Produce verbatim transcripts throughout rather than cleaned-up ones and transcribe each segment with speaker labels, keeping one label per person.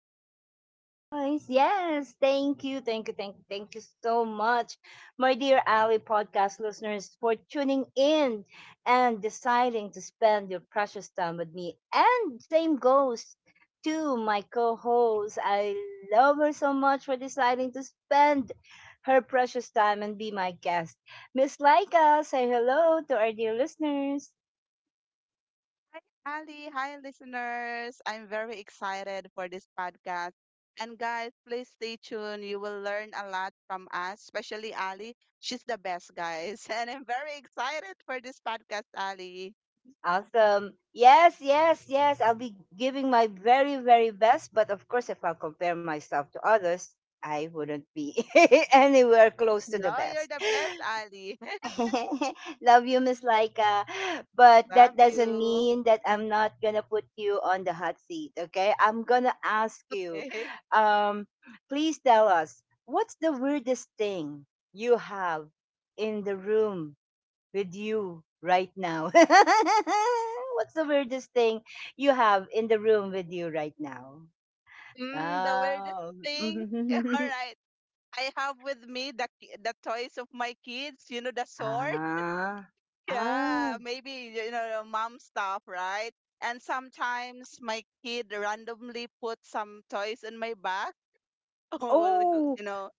Speaker 1: dear Alice voice. Yes, thank you, thank you, thank you, thank you so much, my dear Ali podcast listeners, for tuning in and deciding to spend your precious time with me. And same goes to my co-host. I love her so much for deciding to spend her precious time and be my guest. Miss Laika, say hello to our dear listeners.
Speaker 2: Hi, Ali. Hi, listeners. I'm very excited for this podcast. And guys, please stay tuned. You will learn a lot from us, especially Ali. She's the best, guys. And I'm very excited for this podcast, Ali.
Speaker 1: Awesome. Yes, yes, yes. I'll be giving my very, very best. But of course, if I compare myself to others, I wouldn't be anywhere close to the
Speaker 2: No, you're
Speaker 1: best.
Speaker 2: the best, Ali.
Speaker 1: Love you, Miss Laika. But that
Speaker 2: Love
Speaker 1: doesn't
Speaker 2: you.
Speaker 1: mean that I'm not going to put you on the hot seat, okay? I'm going to ask you um, Please tell us, what's the weirdest thing you have in the room with you right now? What's the weirdest thing you have in the room with you right now?
Speaker 2: Mm, the weirdest
Speaker 1: Oh.
Speaker 2: thing. All right. I have with me the ki- the toys of my kids, you know, the sword.
Speaker 1: Ah. Ah.
Speaker 2: Yeah, maybe you know mom stuff, right? And sometimes my kid randomly put some toys in my bag. Oh, well, go-
Speaker 1: Oh,
Speaker 2: you know,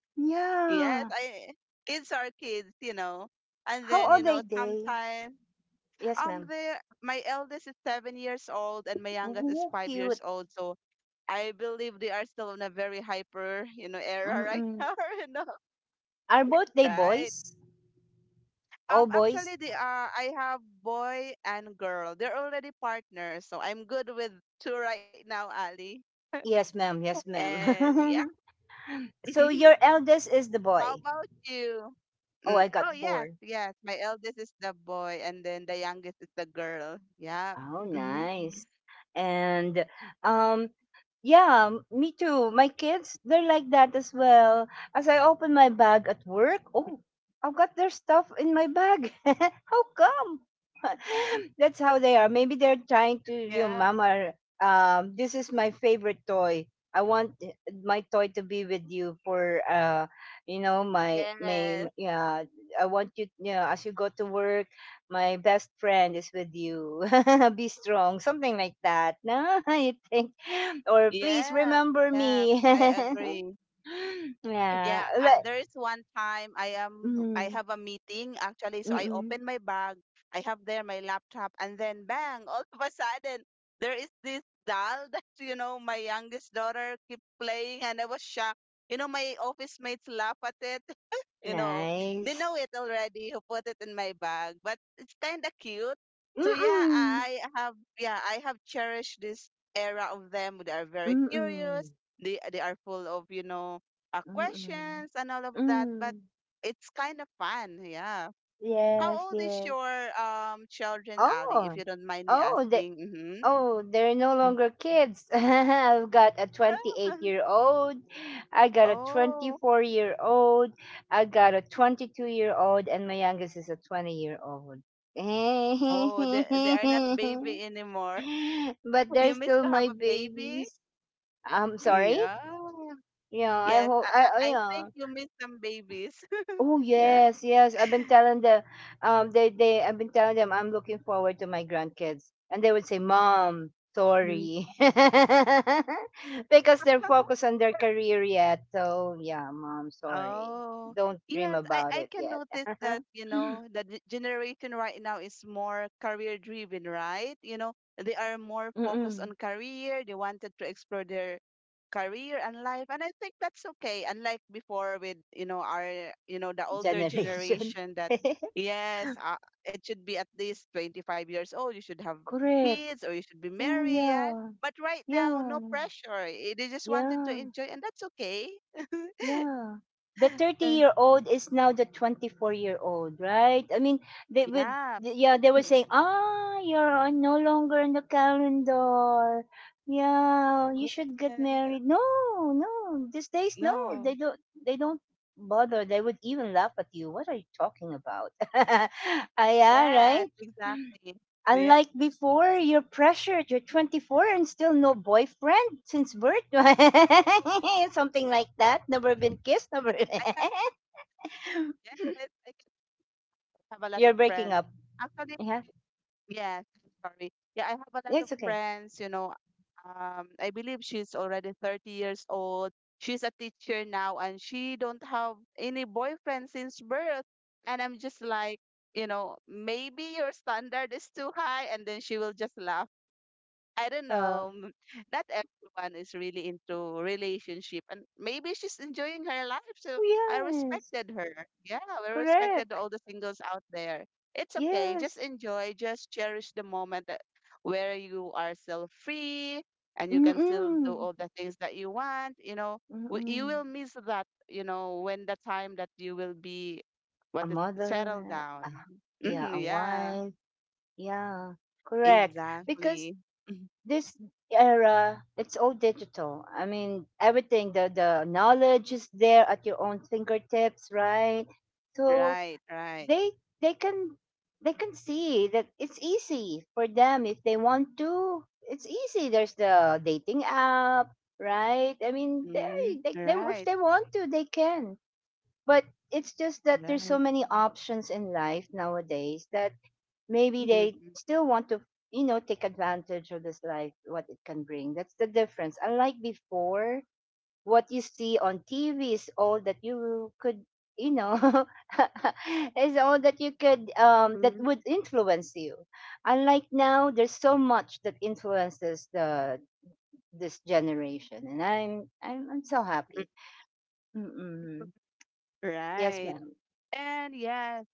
Speaker 2: yes,
Speaker 1: yeah.
Speaker 2: I kids are kids, you know. And
Speaker 1: How
Speaker 2: then you
Speaker 1: old are
Speaker 2: know
Speaker 1: they?
Speaker 2: sometimes
Speaker 1: Yes,
Speaker 2: um
Speaker 1: ma'am.
Speaker 2: they my eldest is seven years old and my youngest is
Speaker 1: Oh,
Speaker 2: five
Speaker 1: cute.
Speaker 2: years old, so I believe they are still in a very hyper you know era right
Speaker 1: Mm-mm.
Speaker 2: now, you know,
Speaker 1: Are both they
Speaker 2: right?
Speaker 1: boys? All
Speaker 2: Um,
Speaker 1: boys?
Speaker 2: actually, they are. I have boy and girl. They're already partners, so I'm good with two right now, Ali.
Speaker 1: Yes, ma'am. Yes,
Speaker 2: And yeah,
Speaker 1: ma'am. So your eldest is the
Speaker 2: how
Speaker 1: boy.
Speaker 2: about you?
Speaker 1: Oh,
Speaker 2: Mm,
Speaker 1: I got
Speaker 2: oh yes,
Speaker 1: four.
Speaker 2: yes. My eldest is the boy, and then the youngest is the girl. Yeah.
Speaker 1: Oh,
Speaker 2: Mm-hmm.
Speaker 1: nice. And um, Yeah, m- me too. My kids, they're like that as well. As I open my bag at work, oh, I've got their stuff in my bag. How come? That's how they are. Maybe they're trying to, you know,
Speaker 2: Yeah.
Speaker 1: Mama, um, this is my favorite toy. I want i- my toy to be with you for, uh, you know, my, my,
Speaker 2: Yes.
Speaker 1: yeah, I want you, you know, as you go to work, my best friend is with you. Be strong, something like that. No, you think, or please
Speaker 2: Yeah.
Speaker 1: remember
Speaker 2: Yeah.
Speaker 1: me.
Speaker 2: I agree.
Speaker 1: Yeah.
Speaker 2: Yeah, uh,
Speaker 1: Like,
Speaker 2: there is one time I am I
Speaker 1: mm,
Speaker 2: have a meeting actually, so I
Speaker 1: mm-mm.
Speaker 2: open my bag, I have there my laptop, and then bang, all of a sudden there is this doll that you know my youngest daughter keep playing, and I was shocked. You know, my office mates laugh at it, you know, they
Speaker 1: Nice.
Speaker 2: know it already who put it in my bag, but it's kind of cute. So yeah,
Speaker 1: Mm-mm.
Speaker 2: i have yeah I have cherished this era of them. They are very curious.
Speaker 1: Mm-mm.
Speaker 2: They they are full of, you know uh,
Speaker 1: Mm-mm.
Speaker 2: questions and all of that, but
Speaker 1: Mm.
Speaker 2: it's kind of fun. Yeah,
Speaker 1: Yes,
Speaker 2: how old is
Speaker 1: yes.
Speaker 2: your um children, Ali, if
Speaker 1: Oh.
Speaker 2: you don't mind me
Speaker 1: Oh, they,
Speaker 2: asking? Mhm.
Speaker 1: oh, they're no
Speaker 2: Mm.
Speaker 1: longer kids. I've got a twenty-eight-year-old. I got a
Speaker 2: Oh,
Speaker 1: twenty-four-year-old. I got a twenty-two-year-old and my youngest is a twenty-year-old.
Speaker 2: oh, they, they are not baby anymore.
Speaker 1: But they're
Speaker 2: You miss
Speaker 1: still
Speaker 2: to
Speaker 1: my
Speaker 2: have a baby?
Speaker 1: babies. I'm sorry.
Speaker 2: Yeah.
Speaker 1: Yeah, I
Speaker 2: Yes,
Speaker 1: hope.
Speaker 2: I,
Speaker 1: I
Speaker 2: I
Speaker 1: I-
Speaker 2: I
Speaker 1: yeah.
Speaker 2: think you meet some babies.
Speaker 1: Oh
Speaker 2: Yeah.
Speaker 1: yes, yes. I've been telling them. Um, they they. I've been telling them I'm looking forward to my grandkids, and they would say, "Mom,
Speaker 2: Mm.
Speaker 1: sorry," because they're focused on their career yet. So yeah, mom, sorry.
Speaker 2: Oh,
Speaker 1: Don't dream
Speaker 2: yes, I,
Speaker 1: about
Speaker 2: I
Speaker 1: it
Speaker 2: can
Speaker 1: yet.
Speaker 2: notice that, you know, the g- generation right now is more career driven, right? You know, they are more focused
Speaker 1: Mm-mm.
Speaker 2: on career. They wanted to explore their career and life. And I think that's okay. Unlike before with, you know, our, you know, the older
Speaker 1: Generation.
Speaker 2: generation that, yes, uh, it should be at least twenty-five years old. You should have
Speaker 1: Correct.
Speaker 2: kids or you should be
Speaker 1: Oh
Speaker 2: married, yeah.
Speaker 1: yeah,
Speaker 2: But right now, no
Speaker 1: yeah,
Speaker 2: pressure. Eh, they just wanted to
Speaker 1: yeah.
Speaker 2: enjoy, and that's okay.
Speaker 1: Yeah. The 30 year old is now the twenty-four year old, right? I mean, they would,
Speaker 2: Yeah.
Speaker 1: yeah, they were
Speaker 2: Mm,
Speaker 1: saying, ah, you're uh, no longer in the calendar. Yeah, you
Speaker 2: mm,
Speaker 1: should get
Speaker 2: yeah.
Speaker 1: married. No, no, these days, no,
Speaker 2: No.
Speaker 1: they don't, they don't bother. They would even laugh at you. What are you talking about? Ah, yeah,
Speaker 2: Yes,
Speaker 1: right.
Speaker 2: exactly. Yeah.
Speaker 1: Unlike before, you're pressured. You're twenty-four and still no boyfriend since birth. Something like that. Never been kissed. Never.
Speaker 2: I have yes, I have a lot
Speaker 1: You're
Speaker 2: of
Speaker 1: breaking
Speaker 2: friends.
Speaker 1: up.
Speaker 2: Actually,
Speaker 1: Yeah,
Speaker 2: yes, sorry. Yeah, I have a lot of
Speaker 1: it's okay.
Speaker 2: friends, you know. Um, I believe she's already thirty years old. She's a teacher now and she don't have any boyfriend since birth. And I'm just like, you know, maybe your standard is too high, and then she will just laugh. I don't
Speaker 1: Yeah.
Speaker 2: know. m- Not everyone is really into relationship, and maybe she's enjoying her life. So I
Speaker 1: Yes.
Speaker 2: respected her. Yeah, we respected
Speaker 1: Correct.
Speaker 2: all the singles out there. It's okay.
Speaker 1: Yes.
Speaker 2: Just enjoy. Just cherish the moment that where you are still free and you can still do
Speaker 1: Mm-mm.
Speaker 2: all the things that you want. You know, W- you
Speaker 1: Mm-mm.
Speaker 2: will miss that. You know, when the time that you will be
Speaker 1: A
Speaker 2: what is settled
Speaker 1: mother. Uh,
Speaker 2: down.
Speaker 1: yeah,
Speaker 2: Mhm,
Speaker 1: a
Speaker 2: yeah,
Speaker 1: wife. Yeah. Correct. Because
Speaker 2: exactly. Mhm.
Speaker 1: this era, it's all digital. I mean, everything, the the knowledge is there at your own fingertips, right? So
Speaker 2: Right, right.
Speaker 1: they they can, they can see that it's easy for them. If they want to, it's easy. There's the dating app, right? I mean, they,
Speaker 2: Mhm.
Speaker 1: they, they, if
Speaker 2: Right.
Speaker 1: they want to, they can. But it's just that there's so
Speaker 2: Right.
Speaker 1: many options in life nowadays that maybe they
Speaker 2: Mhm.
Speaker 1: still want to, you know, take advantage of this life, what it can bring. That's the difference. Unlike before, what you see on TV is all that you could, you know, is all that you could um that
Speaker 2: Mhm.
Speaker 1: would influence you. Unlike now, there's so much that influences the this generation, and i'm i'm, I'm so
Speaker 2: Mhm.
Speaker 1: happy. Mm-mm. Yes,
Speaker 2: Right. And yes,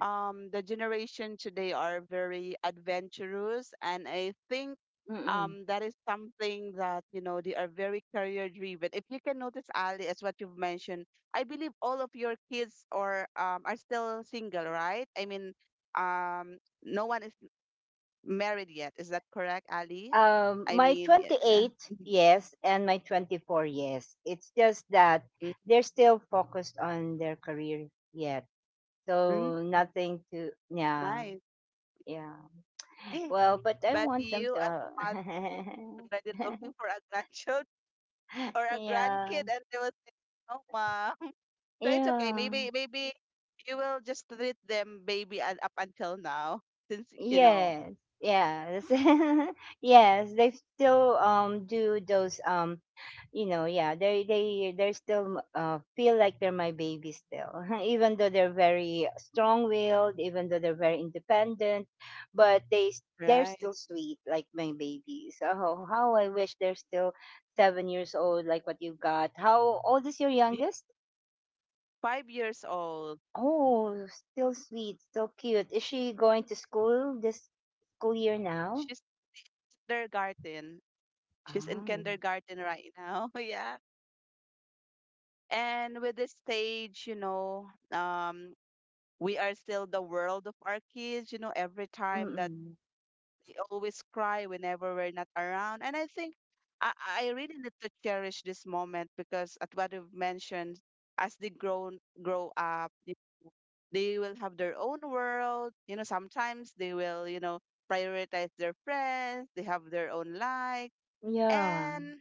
Speaker 2: um, the generation today are very adventurous, and I think
Speaker 1: madam.
Speaker 2: um that is something that, you know, they are very career driven. If you can notice, Ali, as what you've mentioned, I believe all of your kids or um are still single, right? I mean, um, no one is married yet. Is that correct, Ali?
Speaker 1: Um,
Speaker 2: I
Speaker 1: my
Speaker 2: mean, yeah.
Speaker 1: twenty-eight, yes, and my twenty-four, yes. It's just that they're still focused on their career yet.
Speaker 2: Mhm.
Speaker 1: So nothing to, yeah,
Speaker 2: Nice.
Speaker 1: yeah. Well, but I
Speaker 2: But
Speaker 1: want them
Speaker 2: you, as a
Speaker 1: to,
Speaker 2: mother, already looking for a grandchild or a
Speaker 1: yeah,
Speaker 2: grandkid, and they will say, "No, mom." So it's okay.
Speaker 1: yeah.
Speaker 2: Maybe, maybe you will just treat them baby and up until now, since you know,
Speaker 1: Yes, yes, yes. They still um do those um you know, yeah, they they they're still uh, feel like they're my baby still. Even though they're very strong willed, even though they're very independent, but they s- they're
Speaker 2: right?
Speaker 1: still sweet like my babies. Oh, how I wish they're still seven years old, like what you got. How old is your
Speaker 2: It's
Speaker 1: youngest?
Speaker 2: five years old.
Speaker 1: Oh, still sweet, still cute. Is she going to school this school year now?
Speaker 2: She's kindergarten. She's in
Speaker 1: Ay,
Speaker 2: kindergarten right now. Yeah. And with this stage, you know, um, we are still the world of our kids. You know, every time that
Speaker 1: mm.
Speaker 2: they always cry whenever we're not around. And I think I, I really need to cherish this moment because at what you've mentioned, as they grow grow up, they they will have their own world. You know, sometimes they will, you know, prioritize their friends, they have their own life.
Speaker 1: Yeah.
Speaker 2: And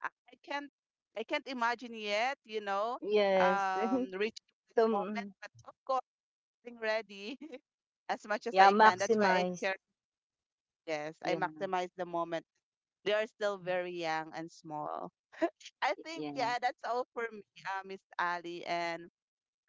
Speaker 2: I I can't I can't imagine yet, you know,
Speaker 1: Yes.
Speaker 2: um reaching that
Speaker 1: So,
Speaker 2: moment,
Speaker 1: mm,
Speaker 2: but of course being ready as much as
Speaker 1: yeah,
Speaker 2: I can. That's why I
Speaker 1: maximize.
Speaker 2: cherish. Yes, I
Speaker 1: Yeah.
Speaker 2: maximize the moment. They are still very young and small. I think,
Speaker 1: Yeah.
Speaker 2: yeah, that's all for me, uh, Miss Ali. And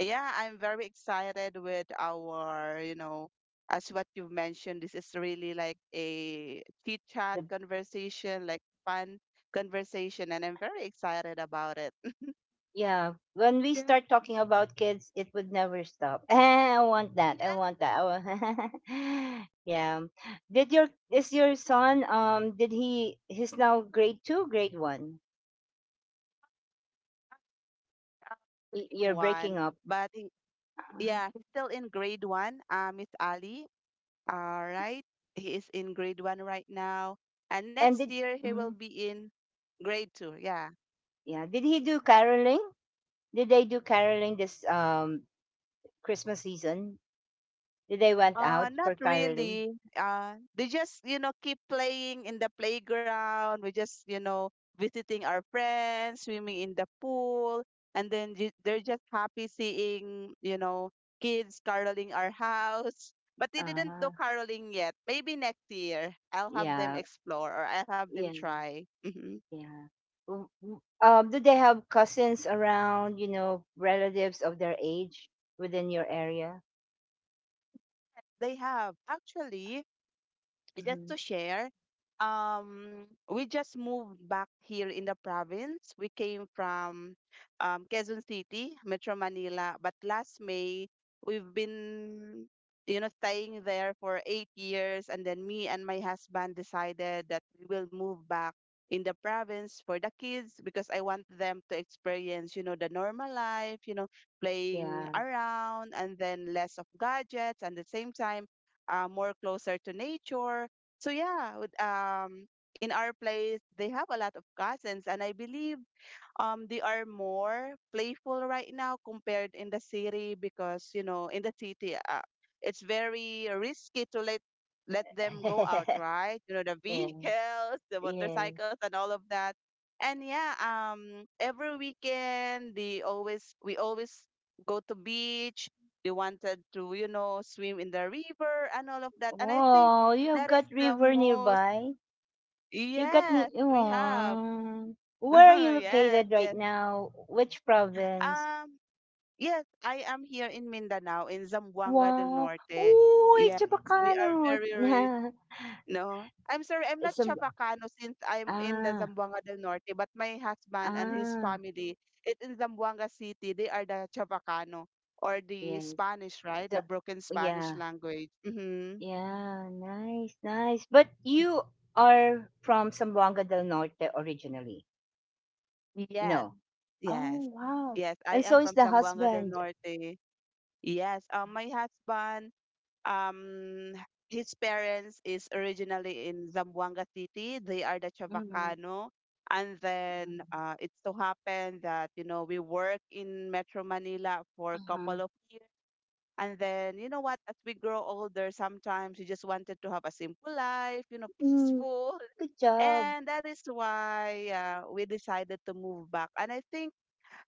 Speaker 2: yeah, I'm very excited with our, you know, as what you mentioned, this is really like a chit chat
Speaker 1: The,
Speaker 2: conversation, like fun conversation. And I'm very excited about it.
Speaker 1: yeah. When we
Speaker 2: Yeah.
Speaker 1: start talking about kids, it would never stop. I want that. I
Speaker 2: Yeah,
Speaker 1: want that. I want yeah. Did your is your son um did he He's now grade two, grade one.
Speaker 2: uh,
Speaker 1: Y-
Speaker 2: grade
Speaker 1: You're breaking
Speaker 2: one.
Speaker 1: up.
Speaker 2: But he-
Speaker 1: Uh-huh.
Speaker 2: yeah, he's still in grade one, uh, Miss Ali. All right. He is in grade one right now. And
Speaker 1: And
Speaker 2: next
Speaker 1: did
Speaker 2: year he will
Speaker 1: mhm.
Speaker 2: be in grade two. Yeah.
Speaker 1: Yeah, did he do caroling? Did they do caroling this um Christmas season? Did they went
Speaker 2: Uh,
Speaker 1: out
Speaker 2: not
Speaker 1: for caroling?
Speaker 2: really. Uh, they just, you know, keep playing in the playground. We just, you know, visiting our friends, swimming in the pool. And then ju- they're just happy seeing, you know, kids caroling our house. But they didn't do
Speaker 1: Ah,
Speaker 2: caroling yet. Maybe next year I'll have them
Speaker 1: yeah,
Speaker 2: explore or I'll have them
Speaker 1: yeah,
Speaker 2: try. Hmm.
Speaker 1: yeah. W- w- Um, do they have cousins around? You know, relatives of their age within your area?
Speaker 2: They have. Actually, just
Speaker 1: Hmm.
Speaker 2: to share, um, we just moved back here in the province. We came from um, Quezon City, Metro Manila, but last May we've been, you know, staying there for eight years, and then me and my husband decided that we will move back in the province for the kids because I want them to experience, you know, the normal life, you know, playing
Speaker 1: Yeah,
Speaker 2: around and then less of gadgets, and at the same time, uh, more closer to nature. So yeah, with, um, in our place they have a lot of cousins, and I believe um they are more playful right now compared in the city, because you know in the city, uh, it's very risky to let let them go out, right? You know, the
Speaker 1: yeah,
Speaker 2: vehicles, the
Speaker 1: yes.
Speaker 2: motorcycles, and all of that. And yeah, um every weekend they always we always go to beach. They wanted to, you know, swim in the river and all of that. And I think
Speaker 1: Oh, you've
Speaker 2: that is
Speaker 1: got
Speaker 2: the
Speaker 1: river
Speaker 2: most,
Speaker 1: nearby. You got ni.
Speaker 2: yes, we have.
Speaker 1: Oh, where are you
Speaker 2: Yes,
Speaker 1: located right
Speaker 2: yes,
Speaker 1: now? Which province?
Speaker 2: um yes, I am here in Mindanao, in Zamboanga del
Speaker 1: Wow.
Speaker 2: Norte.
Speaker 1: Uy,
Speaker 2: Yeah, we are
Speaker 1: Chabacano.
Speaker 2: very rich. No, I'm sorry, I'm not
Speaker 1: Some
Speaker 2: Chavacano since I'm in the
Speaker 1: ah.
Speaker 2: Zamboanga del Norte, but my husband and his
Speaker 1: Ah,
Speaker 2: family, it in Zamboanga City, they are the Chavacano or the
Speaker 1: yes.
Speaker 2: Spanish, right? The
Speaker 1: The,
Speaker 2: broken Spanish
Speaker 1: yeah,
Speaker 2: language. Mm-hmm.
Speaker 1: yeah, nice, nice. But you are from Sambuanga del Norte originally.
Speaker 2: Yes,
Speaker 1: No.
Speaker 2: yes,
Speaker 1: Oh, wow.
Speaker 2: yes. I
Speaker 1: And
Speaker 2: am
Speaker 1: so is
Speaker 2: from
Speaker 1: the
Speaker 2: Zamboanga del
Speaker 1: husband.
Speaker 2: Norte. Yes, um, my husband um his parents is originally in Zamboanga City. They are the
Speaker 1: Mm-hmm.
Speaker 2: Chavacano. And then
Speaker 1: Mm-hmm.
Speaker 2: uh, it's so happened that, you know, we work in Metro Manila for a couple
Speaker 1: Uh-huh.
Speaker 2: of years. And then, you know what, as we grow older, sometimes we just wanted to have a simple life, you know,
Speaker 1: Mm,
Speaker 2: peaceful.
Speaker 1: good job.
Speaker 2: And that is why uh, we decided to move back. And I think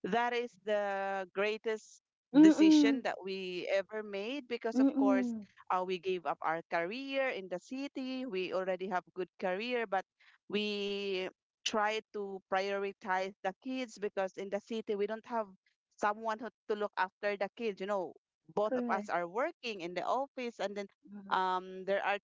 Speaker 2: that is the greatest decision
Speaker 1: Mm-mm.
Speaker 2: that we ever made, because of course,
Speaker 1: Mm-mm.
Speaker 2: uh, we gave up our career in the city. We already have good career, but we try to prioritize the kids because in the city we don't have someone who, to look after the kids, you know, both of us
Speaker 1: Correct.
Speaker 2: are working in the office. And then
Speaker 1: Mm-hmm.
Speaker 2: um there are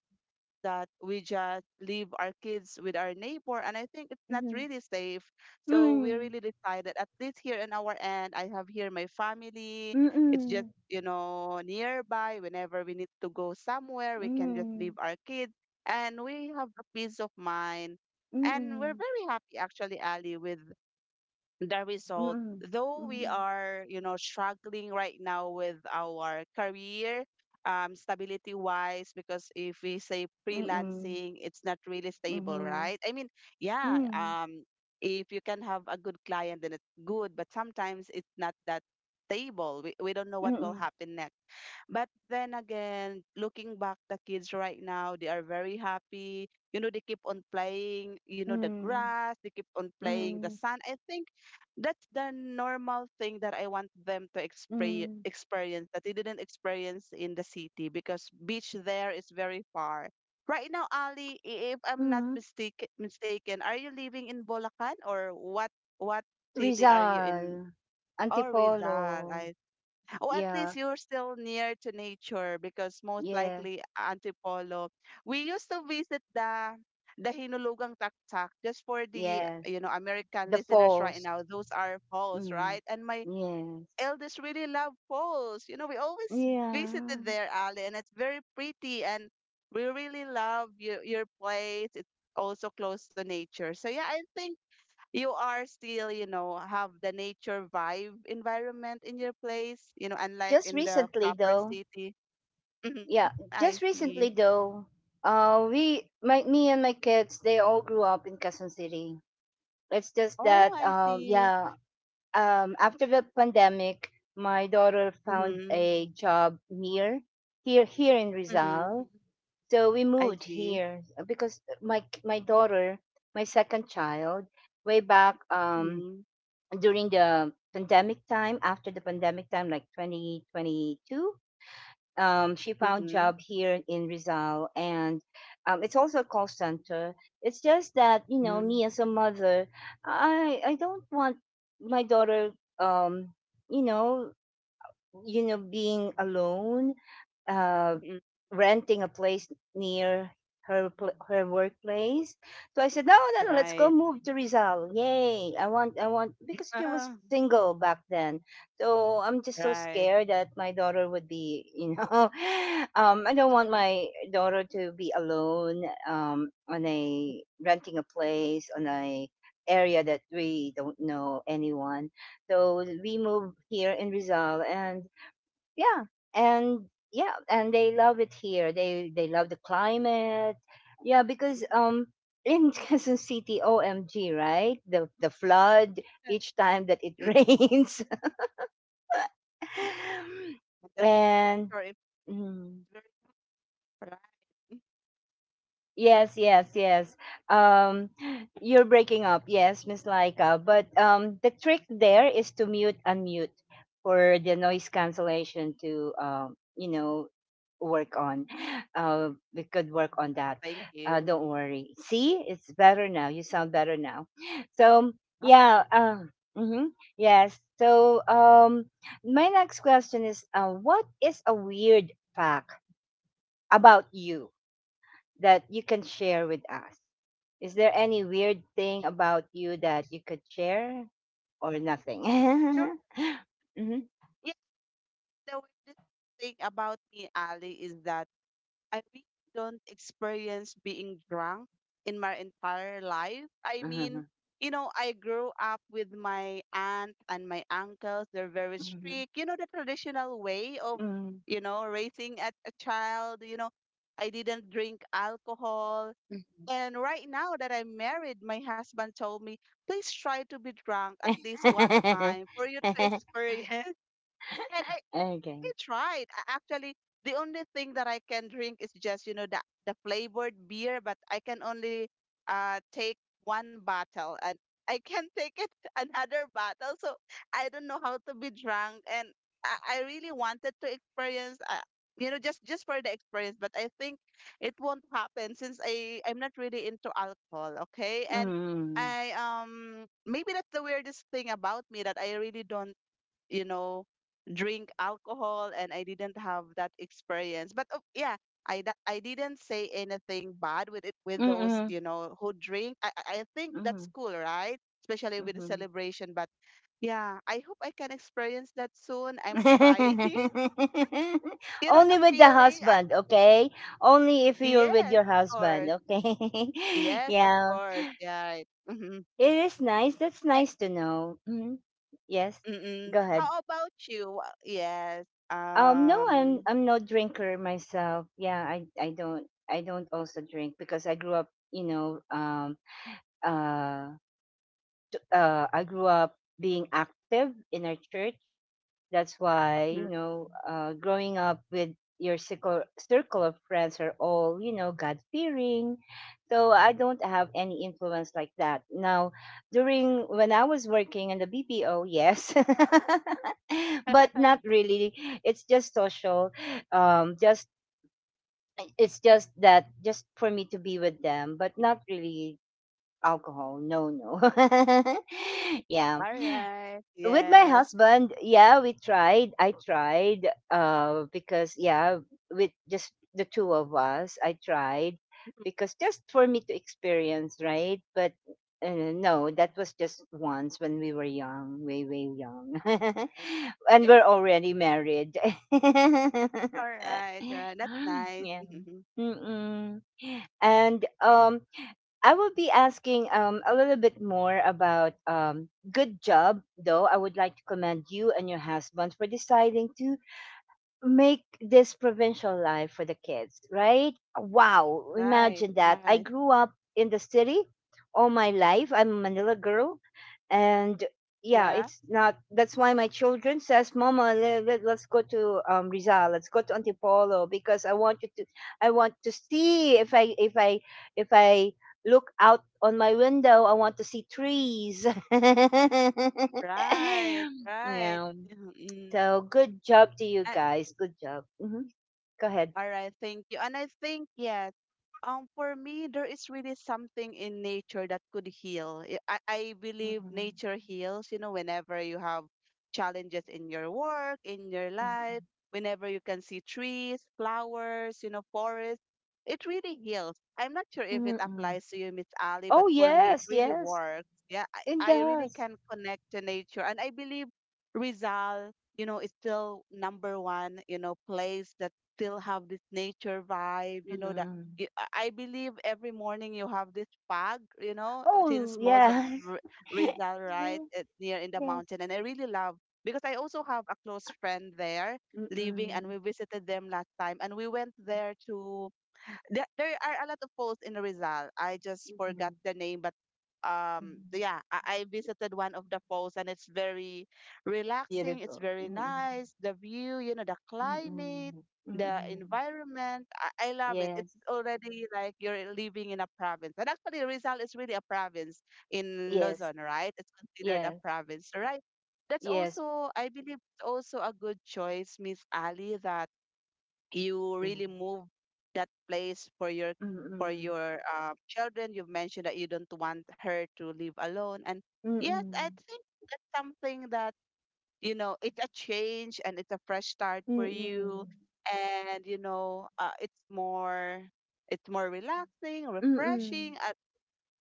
Speaker 2: that we just leave our kids with our neighbor, and I think it's not really safe. So we
Speaker 1: Mm.
Speaker 2: really decided, at least here in our end, I have here my family. It's just,
Speaker 1: Mm-mm.
Speaker 2: you know, nearby. Whenever we need to go somewhere, we can just leave
Speaker 1: Mm.
Speaker 2: our kids, and we have a peace of mind. And we're
Speaker 1: Mm-mm.
Speaker 2: very happy actually, Ali, with the
Speaker 1: Mm-mm.
Speaker 2: result,
Speaker 1: Mm-mm.
Speaker 2: though we are, you know, struggling right now with our career, um, stability wise, because if we say
Speaker 1: Mm-mm.
Speaker 2: freelancing, it's not really stable,
Speaker 1: Mm-mm.
Speaker 2: right? I mean, yeah, um, if you can have a good client, then it's good, but sometimes it's not that stable. We, we don't know what will
Speaker 1: Mm-mm.
Speaker 2: happen next. But then again, looking back, the kids right now, they are very happy. You know, they keep on playing, you know, the
Speaker 1: Mm,
Speaker 2: grass, they keep on playing the
Speaker 1: mm,
Speaker 2: sun. I think that's the normal thing that I want them to expre-
Speaker 1: mm,
Speaker 2: experience, that they didn't experience in the city, because beach there is very far. Right now, Ali, i- if I'm not
Speaker 1: mhm.
Speaker 2: mistake- mistaken, are you living in Bulacan or what what city are you in?
Speaker 1: Rizal,
Speaker 2: Oh, Rizal.
Speaker 1: Antipolo,
Speaker 2: I or at least
Speaker 1: yeah,
Speaker 2: you're still near to nature because most
Speaker 1: yes,
Speaker 2: likely Antipolo. We used to visit the the Hinulugang Taktak just for the
Speaker 1: yes,
Speaker 2: you know American
Speaker 1: the
Speaker 2: listeners right
Speaker 1: falls,
Speaker 2: now. Those are falls,
Speaker 1: mm,
Speaker 2: right? And my
Speaker 1: yes,
Speaker 2: eldest really love falls. You know, we always
Speaker 1: yeah.
Speaker 2: visited there, Ali, and it's very pretty and we really love your your place. It's also close to nature. So yeah, I think you are still, you know, have the nature vibe environment in your place, you know, unlike
Speaker 1: Just
Speaker 2: in the
Speaker 1: recently
Speaker 2: proper
Speaker 1: though,
Speaker 2: city. Hmm,
Speaker 1: yeah,
Speaker 2: I
Speaker 1: just
Speaker 2: see.
Speaker 1: recently though, uh, we, my, me and my kids, they all grew up in Quezon City. It's just
Speaker 2: Oh,
Speaker 1: that,
Speaker 2: I
Speaker 1: um,
Speaker 2: see.
Speaker 1: yeah, um, after the pandemic, my daughter found
Speaker 2: Mm-hmm.
Speaker 1: a job near here here in
Speaker 2: Mm-hmm.
Speaker 1: Rizal. So we
Speaker 2: I
Speaker 1: moved
Speaker 2: see.
Speaker 1: here uh, because uh, my my daughter, my second child, way back um,
Speaker 2: Mm-hmm.
Speaker 1: during the pandemic time, after the pandemic time, like twenty twenty-two, um, she found
Speaker 2: Mm-hmm.
Speaker 1: job here in Rizal, and um, it's also a call center. It's just that, you know,
Speaker 2: Mm-hmm.
Speaker 1: me as a mother, I I don't want my daughter, um, you know, you know, being alone, uh,
Speaker 2: Hmm.
Speaker 1: renting a place near her pl- her workplace. So I said, no, no, no, let's go
Speaker 2: Right.
Speaker 1: move to Rizal. Yay! I want, I want, because she was
Speaker 2: Ah,
Speaker 1: single back then. So I'm just so
Speaker 2: right.
Speaker 1: scared that my daughter would be, you know, um, I don't want
Speaker 2: Mhm.
Speaker 1: my daughter to be alone um, on a renting a place on a area that we don't know anyone. So we moved here in Rizal, and yeah and yeah, and they love it here. they they love the climate. Yeah, because um in Quezon City, O M G, right, the the flood
Speaker 2: Yeah,
Speaker 1: each time that it
Speaker 2: yeah,
Speaker 1: rains
Speaker 2: that's a very
Speaker 1: and
Speaker 2: sure if it's
Speaker 1: mm,
Speaker 2: very right. Mm-hmm.
Speaker 1: yes, yes, yes. Um, you're breaking up, yes, Miss Laika. But um, the trick there is to mute unmute for the noise cancellation to, um, you know, work on. Uh, we could work on that.
Speaker 2: Thank
Speaker 1: Uh,
Speaker 2: you.
Speaker 1: don't worry. See, it's better now. You sound better now. So
Speaker 2: All
Speaker 1: yeah.
Speaker 2: right.
Speaker 1: Uh, hmm yes. So um, my next question is, uh, what is a weird fact about you that you can share with us? Is there any weird thing about you that you could share or nothing?
Speaker 2: Sure.
Speaker 1: Mhm.
Speaker 2: Yes, the weirdest thing about me, Ali, is that I really don't experience being drunk in my entire life. I mean,
Speaker 1: Mhm.
Speaker 2: you know, I grew up with my aunt and my uncles. They're very
Speaker 1: Mhm.
Speaker 2: strict. You know, the traditional way of,
Speaker 1: Mhm.
Speaker 2: you know, raising a, a child. You know, I didn't drink alcohol. And right now that I'm married, my husband told me, please try to be drunk at least one
Speaker 1: Mhm.
Speaker 2: time for you to experience. And I
Speaker 1: Okay.
Speaker 2: it's right. A- Actually, the only thing that I can drink is just, you know, the the flavored beer, but I can only uh take one bottle and I can take it another bottle. So I don't know how to be drunk and I, I really wanted to experience uh, you know, just just for the experience, but I think it won't happen since I I'm not really into alcohol, okay? And
Speaker 1: Mm.
Speaker 2: I um maybe that's the weirdest thing about me that I really don't, you know, drink alcohol and I didn't have that experience. But oh, yeah, I that I didn't say anything bad with it with those,
Speaker 1: Mm-mm.
Speaker 2: you know, who drink. I I I think
Speaker 1: Mm.
Speaker 2: that's cool, right? Especially with the
Speaker 1: Mhm.
Speaker 2: celebration, but yeah, I hope I can experience that soon. I'm trying. You know
Speaker 1: Only
Speaker 2: the
Speaker 1: with the
Speaker 2: feeling?
Speaker 1: husband,
Speaker 2: I-
Speaker 1: okay? Only if you're with
Speaker 2: Yes,
Speaker 1: your
Speaker 2: of
Speaker 1: husband,
Speaker 2: course.
Speaker 1: okay?
Speaker 2: Yes, of
Speaker 1: Yeah.
Speaker 2: course. Yeah. Mm-hmm.
Speaker 1: It is nice. That's
Speaker 2: Eh,
Speaker 1: nice to know. Mhm. Yes.
Speaker 2: mm-mm.
Speaker 1: Go ahead.
Speaker 2: How about you? Wha- Yes.
Speaker 1: Um, no, I'm
Speaker 2: Um.
Speaker 1: I'm no drinker myself. Yeah, I I don't I don't also drink because I grew up, you know, um, uh, uh, I grew up being active in our church. That's why, you
Speaker 2: Mm,
Speaker 1: know, uh, growing up with your circle, circle of friends are all, you know, God fearing. So I don't have any influence like that. Now, during when I was working in the B P O, yes, but not really. It's just social. Um, just It's just that, just for me to be with them, but not really alcohol. No, no. Yeah,
Speaker 2: all right.
Speaker 1: with my
Speaker 2: Yes.
Speaker 1: husband, yeah, we tried. I tried uh, because, yeah, with just the two of us, I tried because just for me to experience, right? But uh, no, that was just once when we were young, way, way young.
Speaker 2: Right.
Speaker 1: And
Speaker 2: Yes,
Speaker 1: we're already married. Yeah.
Speaker 2: alright. Yeah, that's nice. Mhm.
Speaker 1: Mm-mm. And um, I will be asking um a little bit more about um good job though. I would like to commend you and your husband for deciding to make this provincial life for the kids, right? Wow,
Speaker 2: Right,
Speaker 1: imagine that. I
Speaker 2: right.
Speaker 1: grew up in the city all my life. I'm a Manila girl, and yeah,
Speaker 2: Yeah,
Speaker 1: it's not that's why my children says, "Mama, le- le- let's go to um, Rizal. Let's go to Antipolo because I want you to I want to see if I if I if I look out on my window, I want to see trees."
Speaker 2: right, right.
Speaker 1: Yeah.
Speaker 2: Mhm, mm.
Speaker 1: So good job to you
Speaker 2: And
Speaker 1: guys. Good job. Hmm. Go ahead.
Speaker 2: all right, thank you. And I think yes, um, for me there is really something in nature that could heal. I I I believe
Speaker 1: Mhm.
Speaker 2: nature heals. You know, whenever you have challenges in your work, in your life,
Speaker 1: Mhm.
Speaker 2: whenever you can see trees, flowers, you know, forests, it really heals. I'm not sure if it
Speaker 1: Mm-mm.
Speaker 2: applies to you, Miss Ali, but
Speaker 1: Oh
Speaker 2: for me it
Speaker 1: yes,
Speaker 2: really
Speaker 1: yes,
Speaker 2: works. Yeah, I,
Speaker 1: it
Speaker 2: I really
Speaker 1: does.
Speaker 2: can connect to nature, and I believe Rizal, you know, is still number one, you know, place that still have this nature vibe, you know, that
Speaker 1: Mhm.
Speaker 2: you, I I believe every morning you have this fog, you know,
Speaker 1: Oh
Speaker 2: since most of
Speaker 1: yeah,
Speaker 2: R-
Speaker 1: yes.
Speaker 2: Rizal, right, it's near in the
Speaker 1: Yes.
Speaker 2: mountain. And I really love because I also have a close friend there living
Speaker 1: Mm-mm.
Speaker 2: and we visited them last time and we went there to there, there are a lot of falls in Rizal. I just forgot
Speaker 1: Mhm.
Speaker 2: the name, but um,
Speaker 1: Mhm.
Speaker 2: the- yeah, I, I visited one of the falls and it's very relaxing. It's
Speaker 1: Beautiful.
Speaker 2: very
Speaker 1: Mm-mm.
Speaker 2: nice. The view, you know, the climate,
Speaker 1: Mhm.
Speaker 2: the
Speaker 1: Mhm.
Speaker 2: environment. I, I love it. It's
Speaker 1: Yes,
Speaker 2: already like you're living in a province. And actually, Rizal is really a province in Luzon,
Speaker 1: yes,
Speaker 2: right? It's considered a
Speaker 1: yes,
Speaker 2: province, right? That's
Speaker 1: yes.
Speaker 2: also, I believe, it's also a good choice, Miss Ali, that you
Speaker 1: Yeah.
Speaker 2: really move that place for your for
Speaker 1: Mm-mm.
Speaker 2: your uh, children. You've mentioned that you don't want her to live alone, and yes, I
Speaker 1: Mm-mm.
Speaker 2: think that's something that, you know, it's a change and it's a fresh start for
Speaker 1: Mm-mm.
Speaker 2: you, and you know, uh, it's more, it's more relaxing,
Speaker 1: Mm-mm.
Speaker 2: refreshing, uh,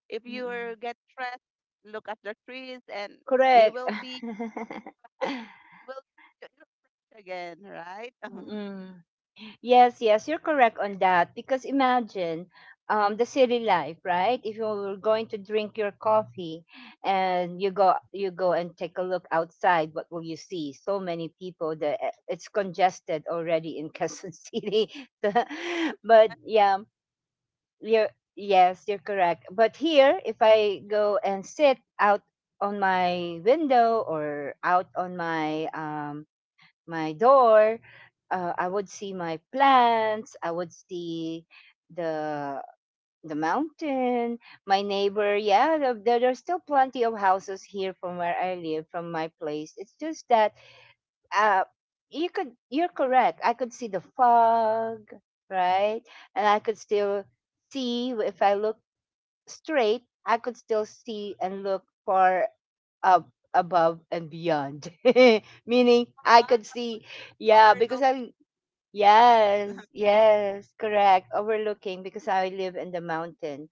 Speaker 2: if you
Speaker 1: Mhm.
Speaker 2: get stressed, look at the trees and you
Speaker 1: Correct.
Speaker 2: will be you will you'll be fresh again, right?
Speaker 1: Mm. Yes, yes, you're correct on that. Because imagine um, the city life, right? If you're going to drink your coffee and you go you go and take a look outside, what will you see? So many people that uh, it's congested already in Quezon City. So- but yeah, you're yes, you're correct. But here, if I go and sit out on my window or out on my um my door, uh, I would see my plants, I would see the the mountain, my neighbor. Yeah, the, there there's still plenty of houses here from where I live, from my place. It's just that uh, you could you're correct. I could see the fog, right? And I could still see if I look straight, I could still see and look far up above and beyond. Meaning I could see, yeah, because
Speaker 2: Overlooking,
Speaker 1: I yes, yes, correct. Overlooking because I live in the mountain.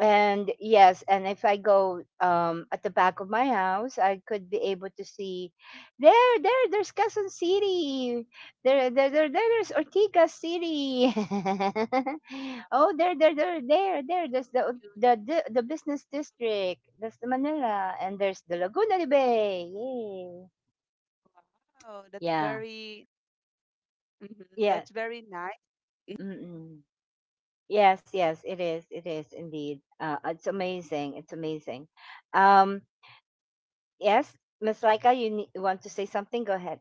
Speaker 1: And yes, and if I go um at the back of my house, I could be able to see there, there, there's Quezon City. There, there, there, there there's Ortigas City. Oh, there, there, there, there, there. There's the
Speaker 2: yeah.
Speaker 1: the the, the business district. That's the Manila, and there's the Laguna de Bay. Yay.
Speaker 2: Wow, that's
Speaker 1: Yeah,
Speaker 2: very, mhm,
Speaker 1: yeah.
Speaker 2: that's very nice.
Speaker 1: Mm-mm. Yes, yes, it is. It is indeed. Uh, it's amazing. It's amazing. Um, yes, Miss Laika, you ne- you want to say something? Go ahead.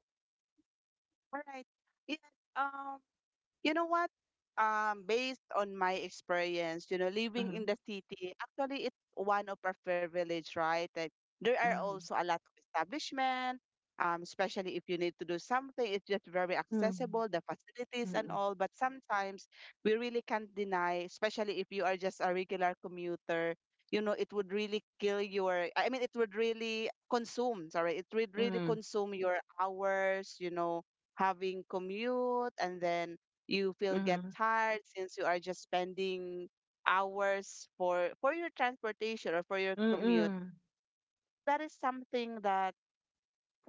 Speaker 2: All right. Yeah. Um, you know what? Um, based on my experience, you know, living in
Speaker 1: Mhm,
Speaker 2: the city, actually it's one of our privilege, right? Like there are
Speaker 1: mhm.
Speaker 2: also a lot of establishment, um, especially if you need to do something, it's just very
Speaker 1: Hmm.
Speaker 2: accessible, the facilities and all. But sometimes we really can't deny, especially if you are just a regular commuter, you know, it would really kill your, I mean, it would really consume, sorry, it would really
Speaker 1: Hmm.
Speaker 2: consume your hours, you know, having commute and then you feel get
Speaker 1: Hmm.
Speaker 2: tired since you are just spending hours for for your transportation or for your commute.
Speaker 1: Hmm.
Speaker 2: That is something that,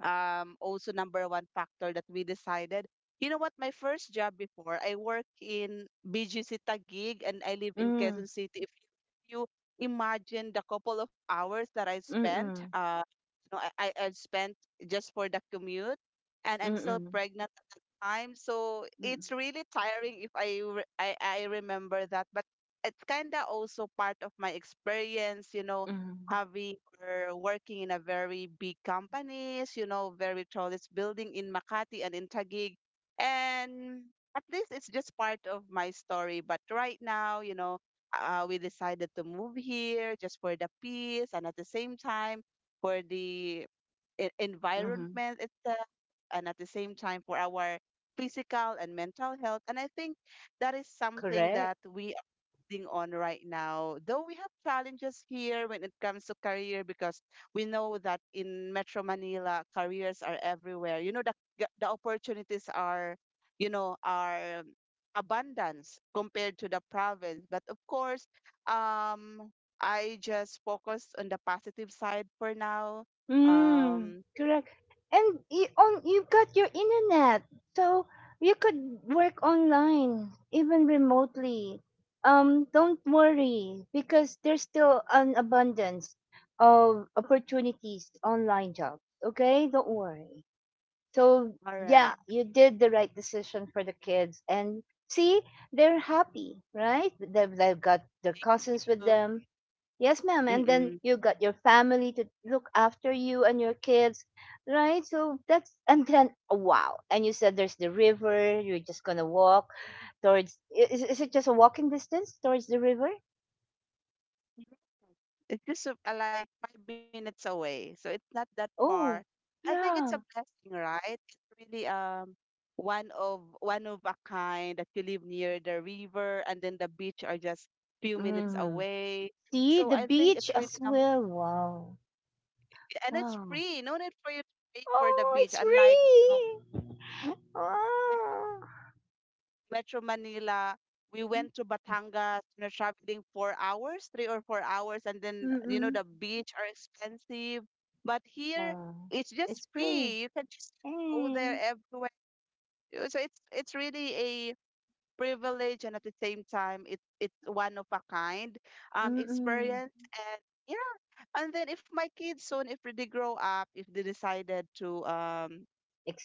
Speaker 2: um, also number one factor that we decided. You know what? My first job before I work in B G C Taguig and I live in
Speaker 1: Hmm.
Speaker 2: Quezon City. If you if you imagine the couple of hours that I
Speaker 1: Hmm.
Speaker 2: spent,
Speaker 1: Hmm.
Speaker 2: uh, you know, I, I I've spent just for the commute, and I'm still
Speaker 1: Hmm.
Speaker 2: pregnant at the time. So
Speaker 1: Hmm. Hmm.
Speaker 2: it's really tiring if I re- I, I remember that. But it's kind of also part of my experience, you know,
Speaker 1: Hmm.
Speaker 2: having or working in a very big companies, you know, very tall. It's building in Makati and in Taguig, and at least it's just part of my story. But right now, you know, uh, we decided to move here just for the peace and at the same time for the e- environment itself, and at the same time for our physical and mental health. And I think that is something
Speaker 1: Correct.
Speaker 2: that we reflecting on right now, though we have challenges here when it comes to career because we know that in Metro Manila, careers are everywhere. You know, the, g- the opportunities are, you know, are abundance compared to the province. But of course, um, I just focus on the positive side for now.
Speaker 1: Mm,
Speaker 2: Um,
Speaker 1: correct. And you on you've got your internet, so you could work online even remotely. Um, don't worry because there's still an abundance of opportunities, online jobs. Okay, don't worry. So
Speaker 2: all
Speaker 1: yeah,
Speaker 2: right.
Speaker 1: you did the right decision for the kids, and see, they're happy, right? They've they've got their cousins
Speaker 2: Thank
Speaker 1: with
Speaker 2: you.
Speaker 1: them. Yes, ma'am. And then
Speaker 2: Mm-mm.
Speaker 1: you got your family to look after you and your kids, right? So that's, and then, wow. And you said there's the river, you're just going to walk towards, i- is, is it just a walking distance towards the river?
Speaker 2: It's just uh, like five minutes away, so it's not that far.
Speaker 1: Oh,
Speaker 2: I think it's a
Speaker 1: yeah.
Speaker 2: blessing, right? It's really um one of one of a kind that you live near the river and then the beach are just few minutes
Speaker 1: Hmm.
Speaker 2: away.
Speaker 1: See
Speaker 2: So
Speaker 1: the
Speaker 2: I think
Speaker 1: beach
Speaker 2: it's really
Speaker 1: as
Speaker 2: num
Speaker 1: well. Wow.
Speaker 2: and it's
Speaker 1: Wow.
Speaker 2: free. No need for you to pay for the
Speaker 1: Oh,
Speaker 2: beach,
Speaker 1: it's
Speaker 2: unlike, you know,
Speaker 1: free. Oh.
Speaker 2: Metro Manila. We went to Batangas, you know, traveling four hours, three or four hours, and then you know
Speaker 1: Mm-mm.
Speaker 2: the beach are expensive. But here
Speaker 1: Oh,
Speaker 2: it's just
Speaker 1: it's free.
Speaker 2: free. You can just go there
Speaker 1: Hey,
Speaker 2: everywhere. Uh, So it's it's really a privilege and at the same time it's it's one of a kind um
Speaker 1: mm-mm.
Speaker 2: experience and yeah. And then if my kids soon, if they grow up, if they decided to um,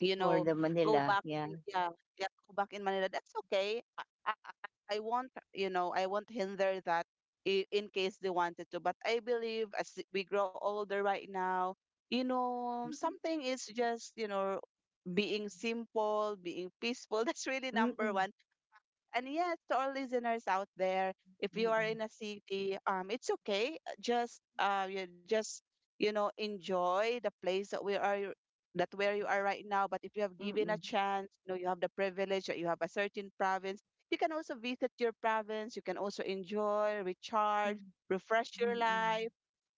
Speaker 2: you know,
Speaker 1: the
Speaker 2: go
Speaker 1: Manila.
Speaker 2: back
Speaker 1: Yeah.
Speaker 2: to, yeah, yeah, go back in Manila. That's okay. I, I, I I won't, you know, I won't hinder that i- in case they wanted to. But I believe as we grow older right now, you know,
Speaker 1: Mm-mm,
Speaker 2: something is just, you know, being simple, being peaceful. That's really number
Speaker 1: mm-mm,
Speaker 2: one. And yes, to our listeners out there, if you are
Speaker 1: mm-mm,
Speaker 2: in a city, um, it's okay. Just uh, You just, you know, enjoy the place that we are that where you are right now. But if you have
Speaker 1: mm-mm,
Speaker 2: given a
Speaker 1: mm,
Speaker 2: chance, you know you have the privilege that you have a certain province. You can also visit your province. You can also enjoy, recharge,
Speaker 1: mm-mm,
Speaker 2: refresh
Speaker 1: mm
Speaker 2: your
Speaker 1: mm mm
Speaker 2: life,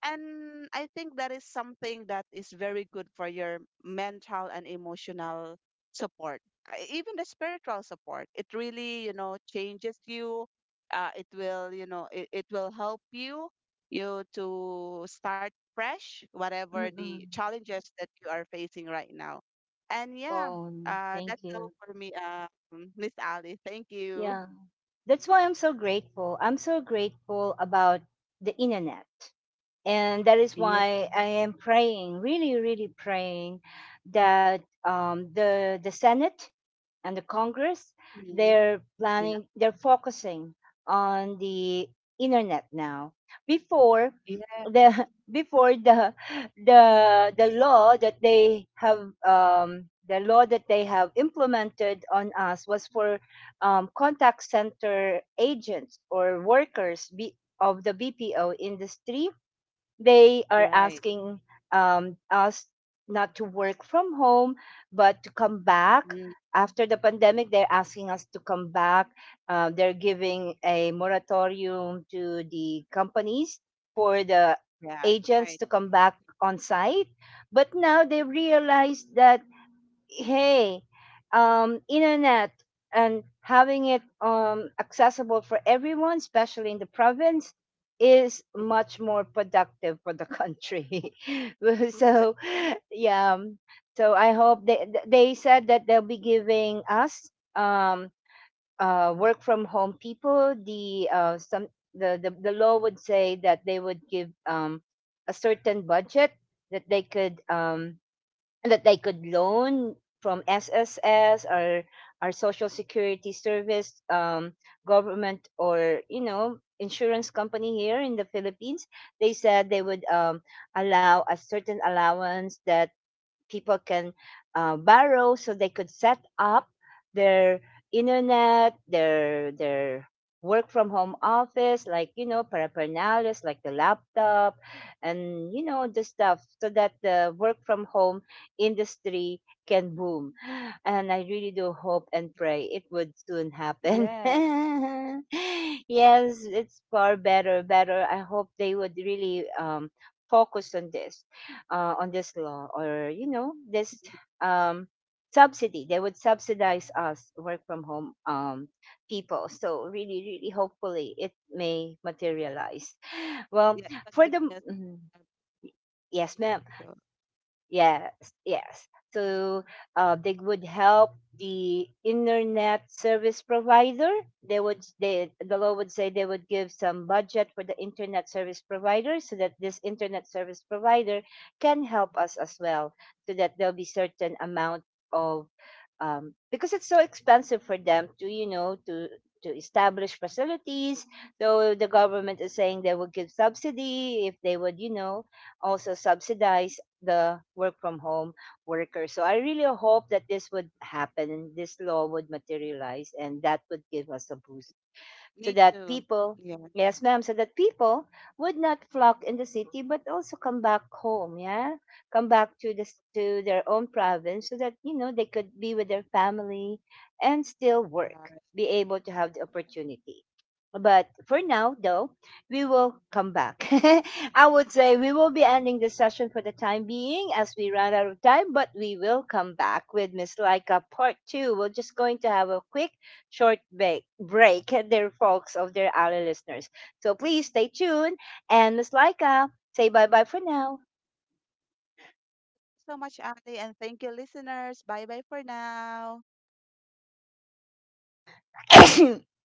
Speaker 2: and I think that is something that is very good for your mental and emotional support. Uh, even the spiritual support. It really, you know, changes you. Uh, it will, you know, it, it will help you you to start fresh,
Speaker 1: mm
Speaker 2: whatever
Speaker 1: mm.
Speaker 2: the challenges that you are facing right now. And yeah,
Speaker 1: Phone.
Speaker 2: uh,
Speaker 1: Thank
Speaker 2: that's all
Speaker 1: you.
Speaker 2: for me, um, Miss Ali. Thank you.
Speaker 1: Yeah. That's why I'm so grateful. I'm so grateful about the internet. And that is
Speaker 2: Yeah,
Speaker 1: why I am praying, really, really praying that um, the the Senate and the Congress,
Speaker 2: mhm,
Speaker 1: they're
Speaker 2: yeah,
Speaker 1: planning, they're focusing on the internet now. Before
Speaker 2: yeah.
Speaker 1: the before the the the law that they have um, the law that they have implemented on us was for um, contact center agents or workers be, of the B P O industry. They are
Speaker 2: Right.
Speaker 1: asking um, us not to work from home, but to come back.
Speaker 2: Mm,
Speaker 1: After the pandemic, they're asking us to come back. Uh, they're giving a moratorium to the companies for the
Speaker 2: yeah.
Speaker 1: agents
Speaker 2: Right.
Speaker 1: to come back on site. But now they realize that hey, um, internet and having it um, accessible for everyone, especially in the province, is much more productive for the country. Well, so, yeah. um, so I hope they th- they said that they'll be giving us um, uh, work from home people the uh, some the, the the law would say that they would give um, a certain budget that they could um, and that they could loan from S S S or our social security service, um, government, or you know, insurance company here in the Philippines. They said they would um, allow a certain allowance that people can uh, borrow so they could set up their internet, their their work from home office, like you know, paraphernalia, like the laptop, and you know the stuff, so that the work from home industry can boom. And I really do hope and pray it would soon happen.
Speaker 2: Yes.
Speaker 1: Yes, it's far better, better. I hope they would really um, focus on this, uh, on this law or you know this, um, subsidy. They would subsidize us work from home, um, people, so really really hopefully it may materialize well
Speaker 2: Yeah, it's
Speaker 1: for
Speaker 2: a
Speaker 1: the
Speaker 2: good guess,
Speaker 1: mm,
Speaker 2: Abby.
Speaker 1: yes ma'am.
Speaker 2: So,
Speaker 1: Yes, yes. So uh, they would help the internet service provider. They would they the law would say they would give some budget for the internet service provider so that this internet service provider can help us as well, so that there'll be certain amount of, um, because it's so expensive for them to you know to to establish facilities. So the government is saying they will give subsidy if they would you know also subsidize the work from home workers. So I really hope that this would happen, this law would materialize, and that would give us a boost so
Speaker 2: me
Speaker 1: that
Speaker 2: too.
Speaker 1: people,
Speaker 2: Yeah,
Speaker 1: yes, ma'am, so that people would not flock in the city, but also come back home, yeah, come back to this to their own province, so that you know they could be with their family and still work,
Speaker 2: right,
Speaker 1: be able to have the opportunity. But for
Speaker 2: right.
Speaker 1: now, though, we will come back. I would say we will be ending the session for the time being as we run out of time, but we will come back with Miss Laika part two. We're just going to have a quick short break, break their folks of their alley listeners. So please stay tuned. And Miss Laika, say bye bye for now.
Speaker 2: So much, Andy, and thank you, listeners. Bye bye for now.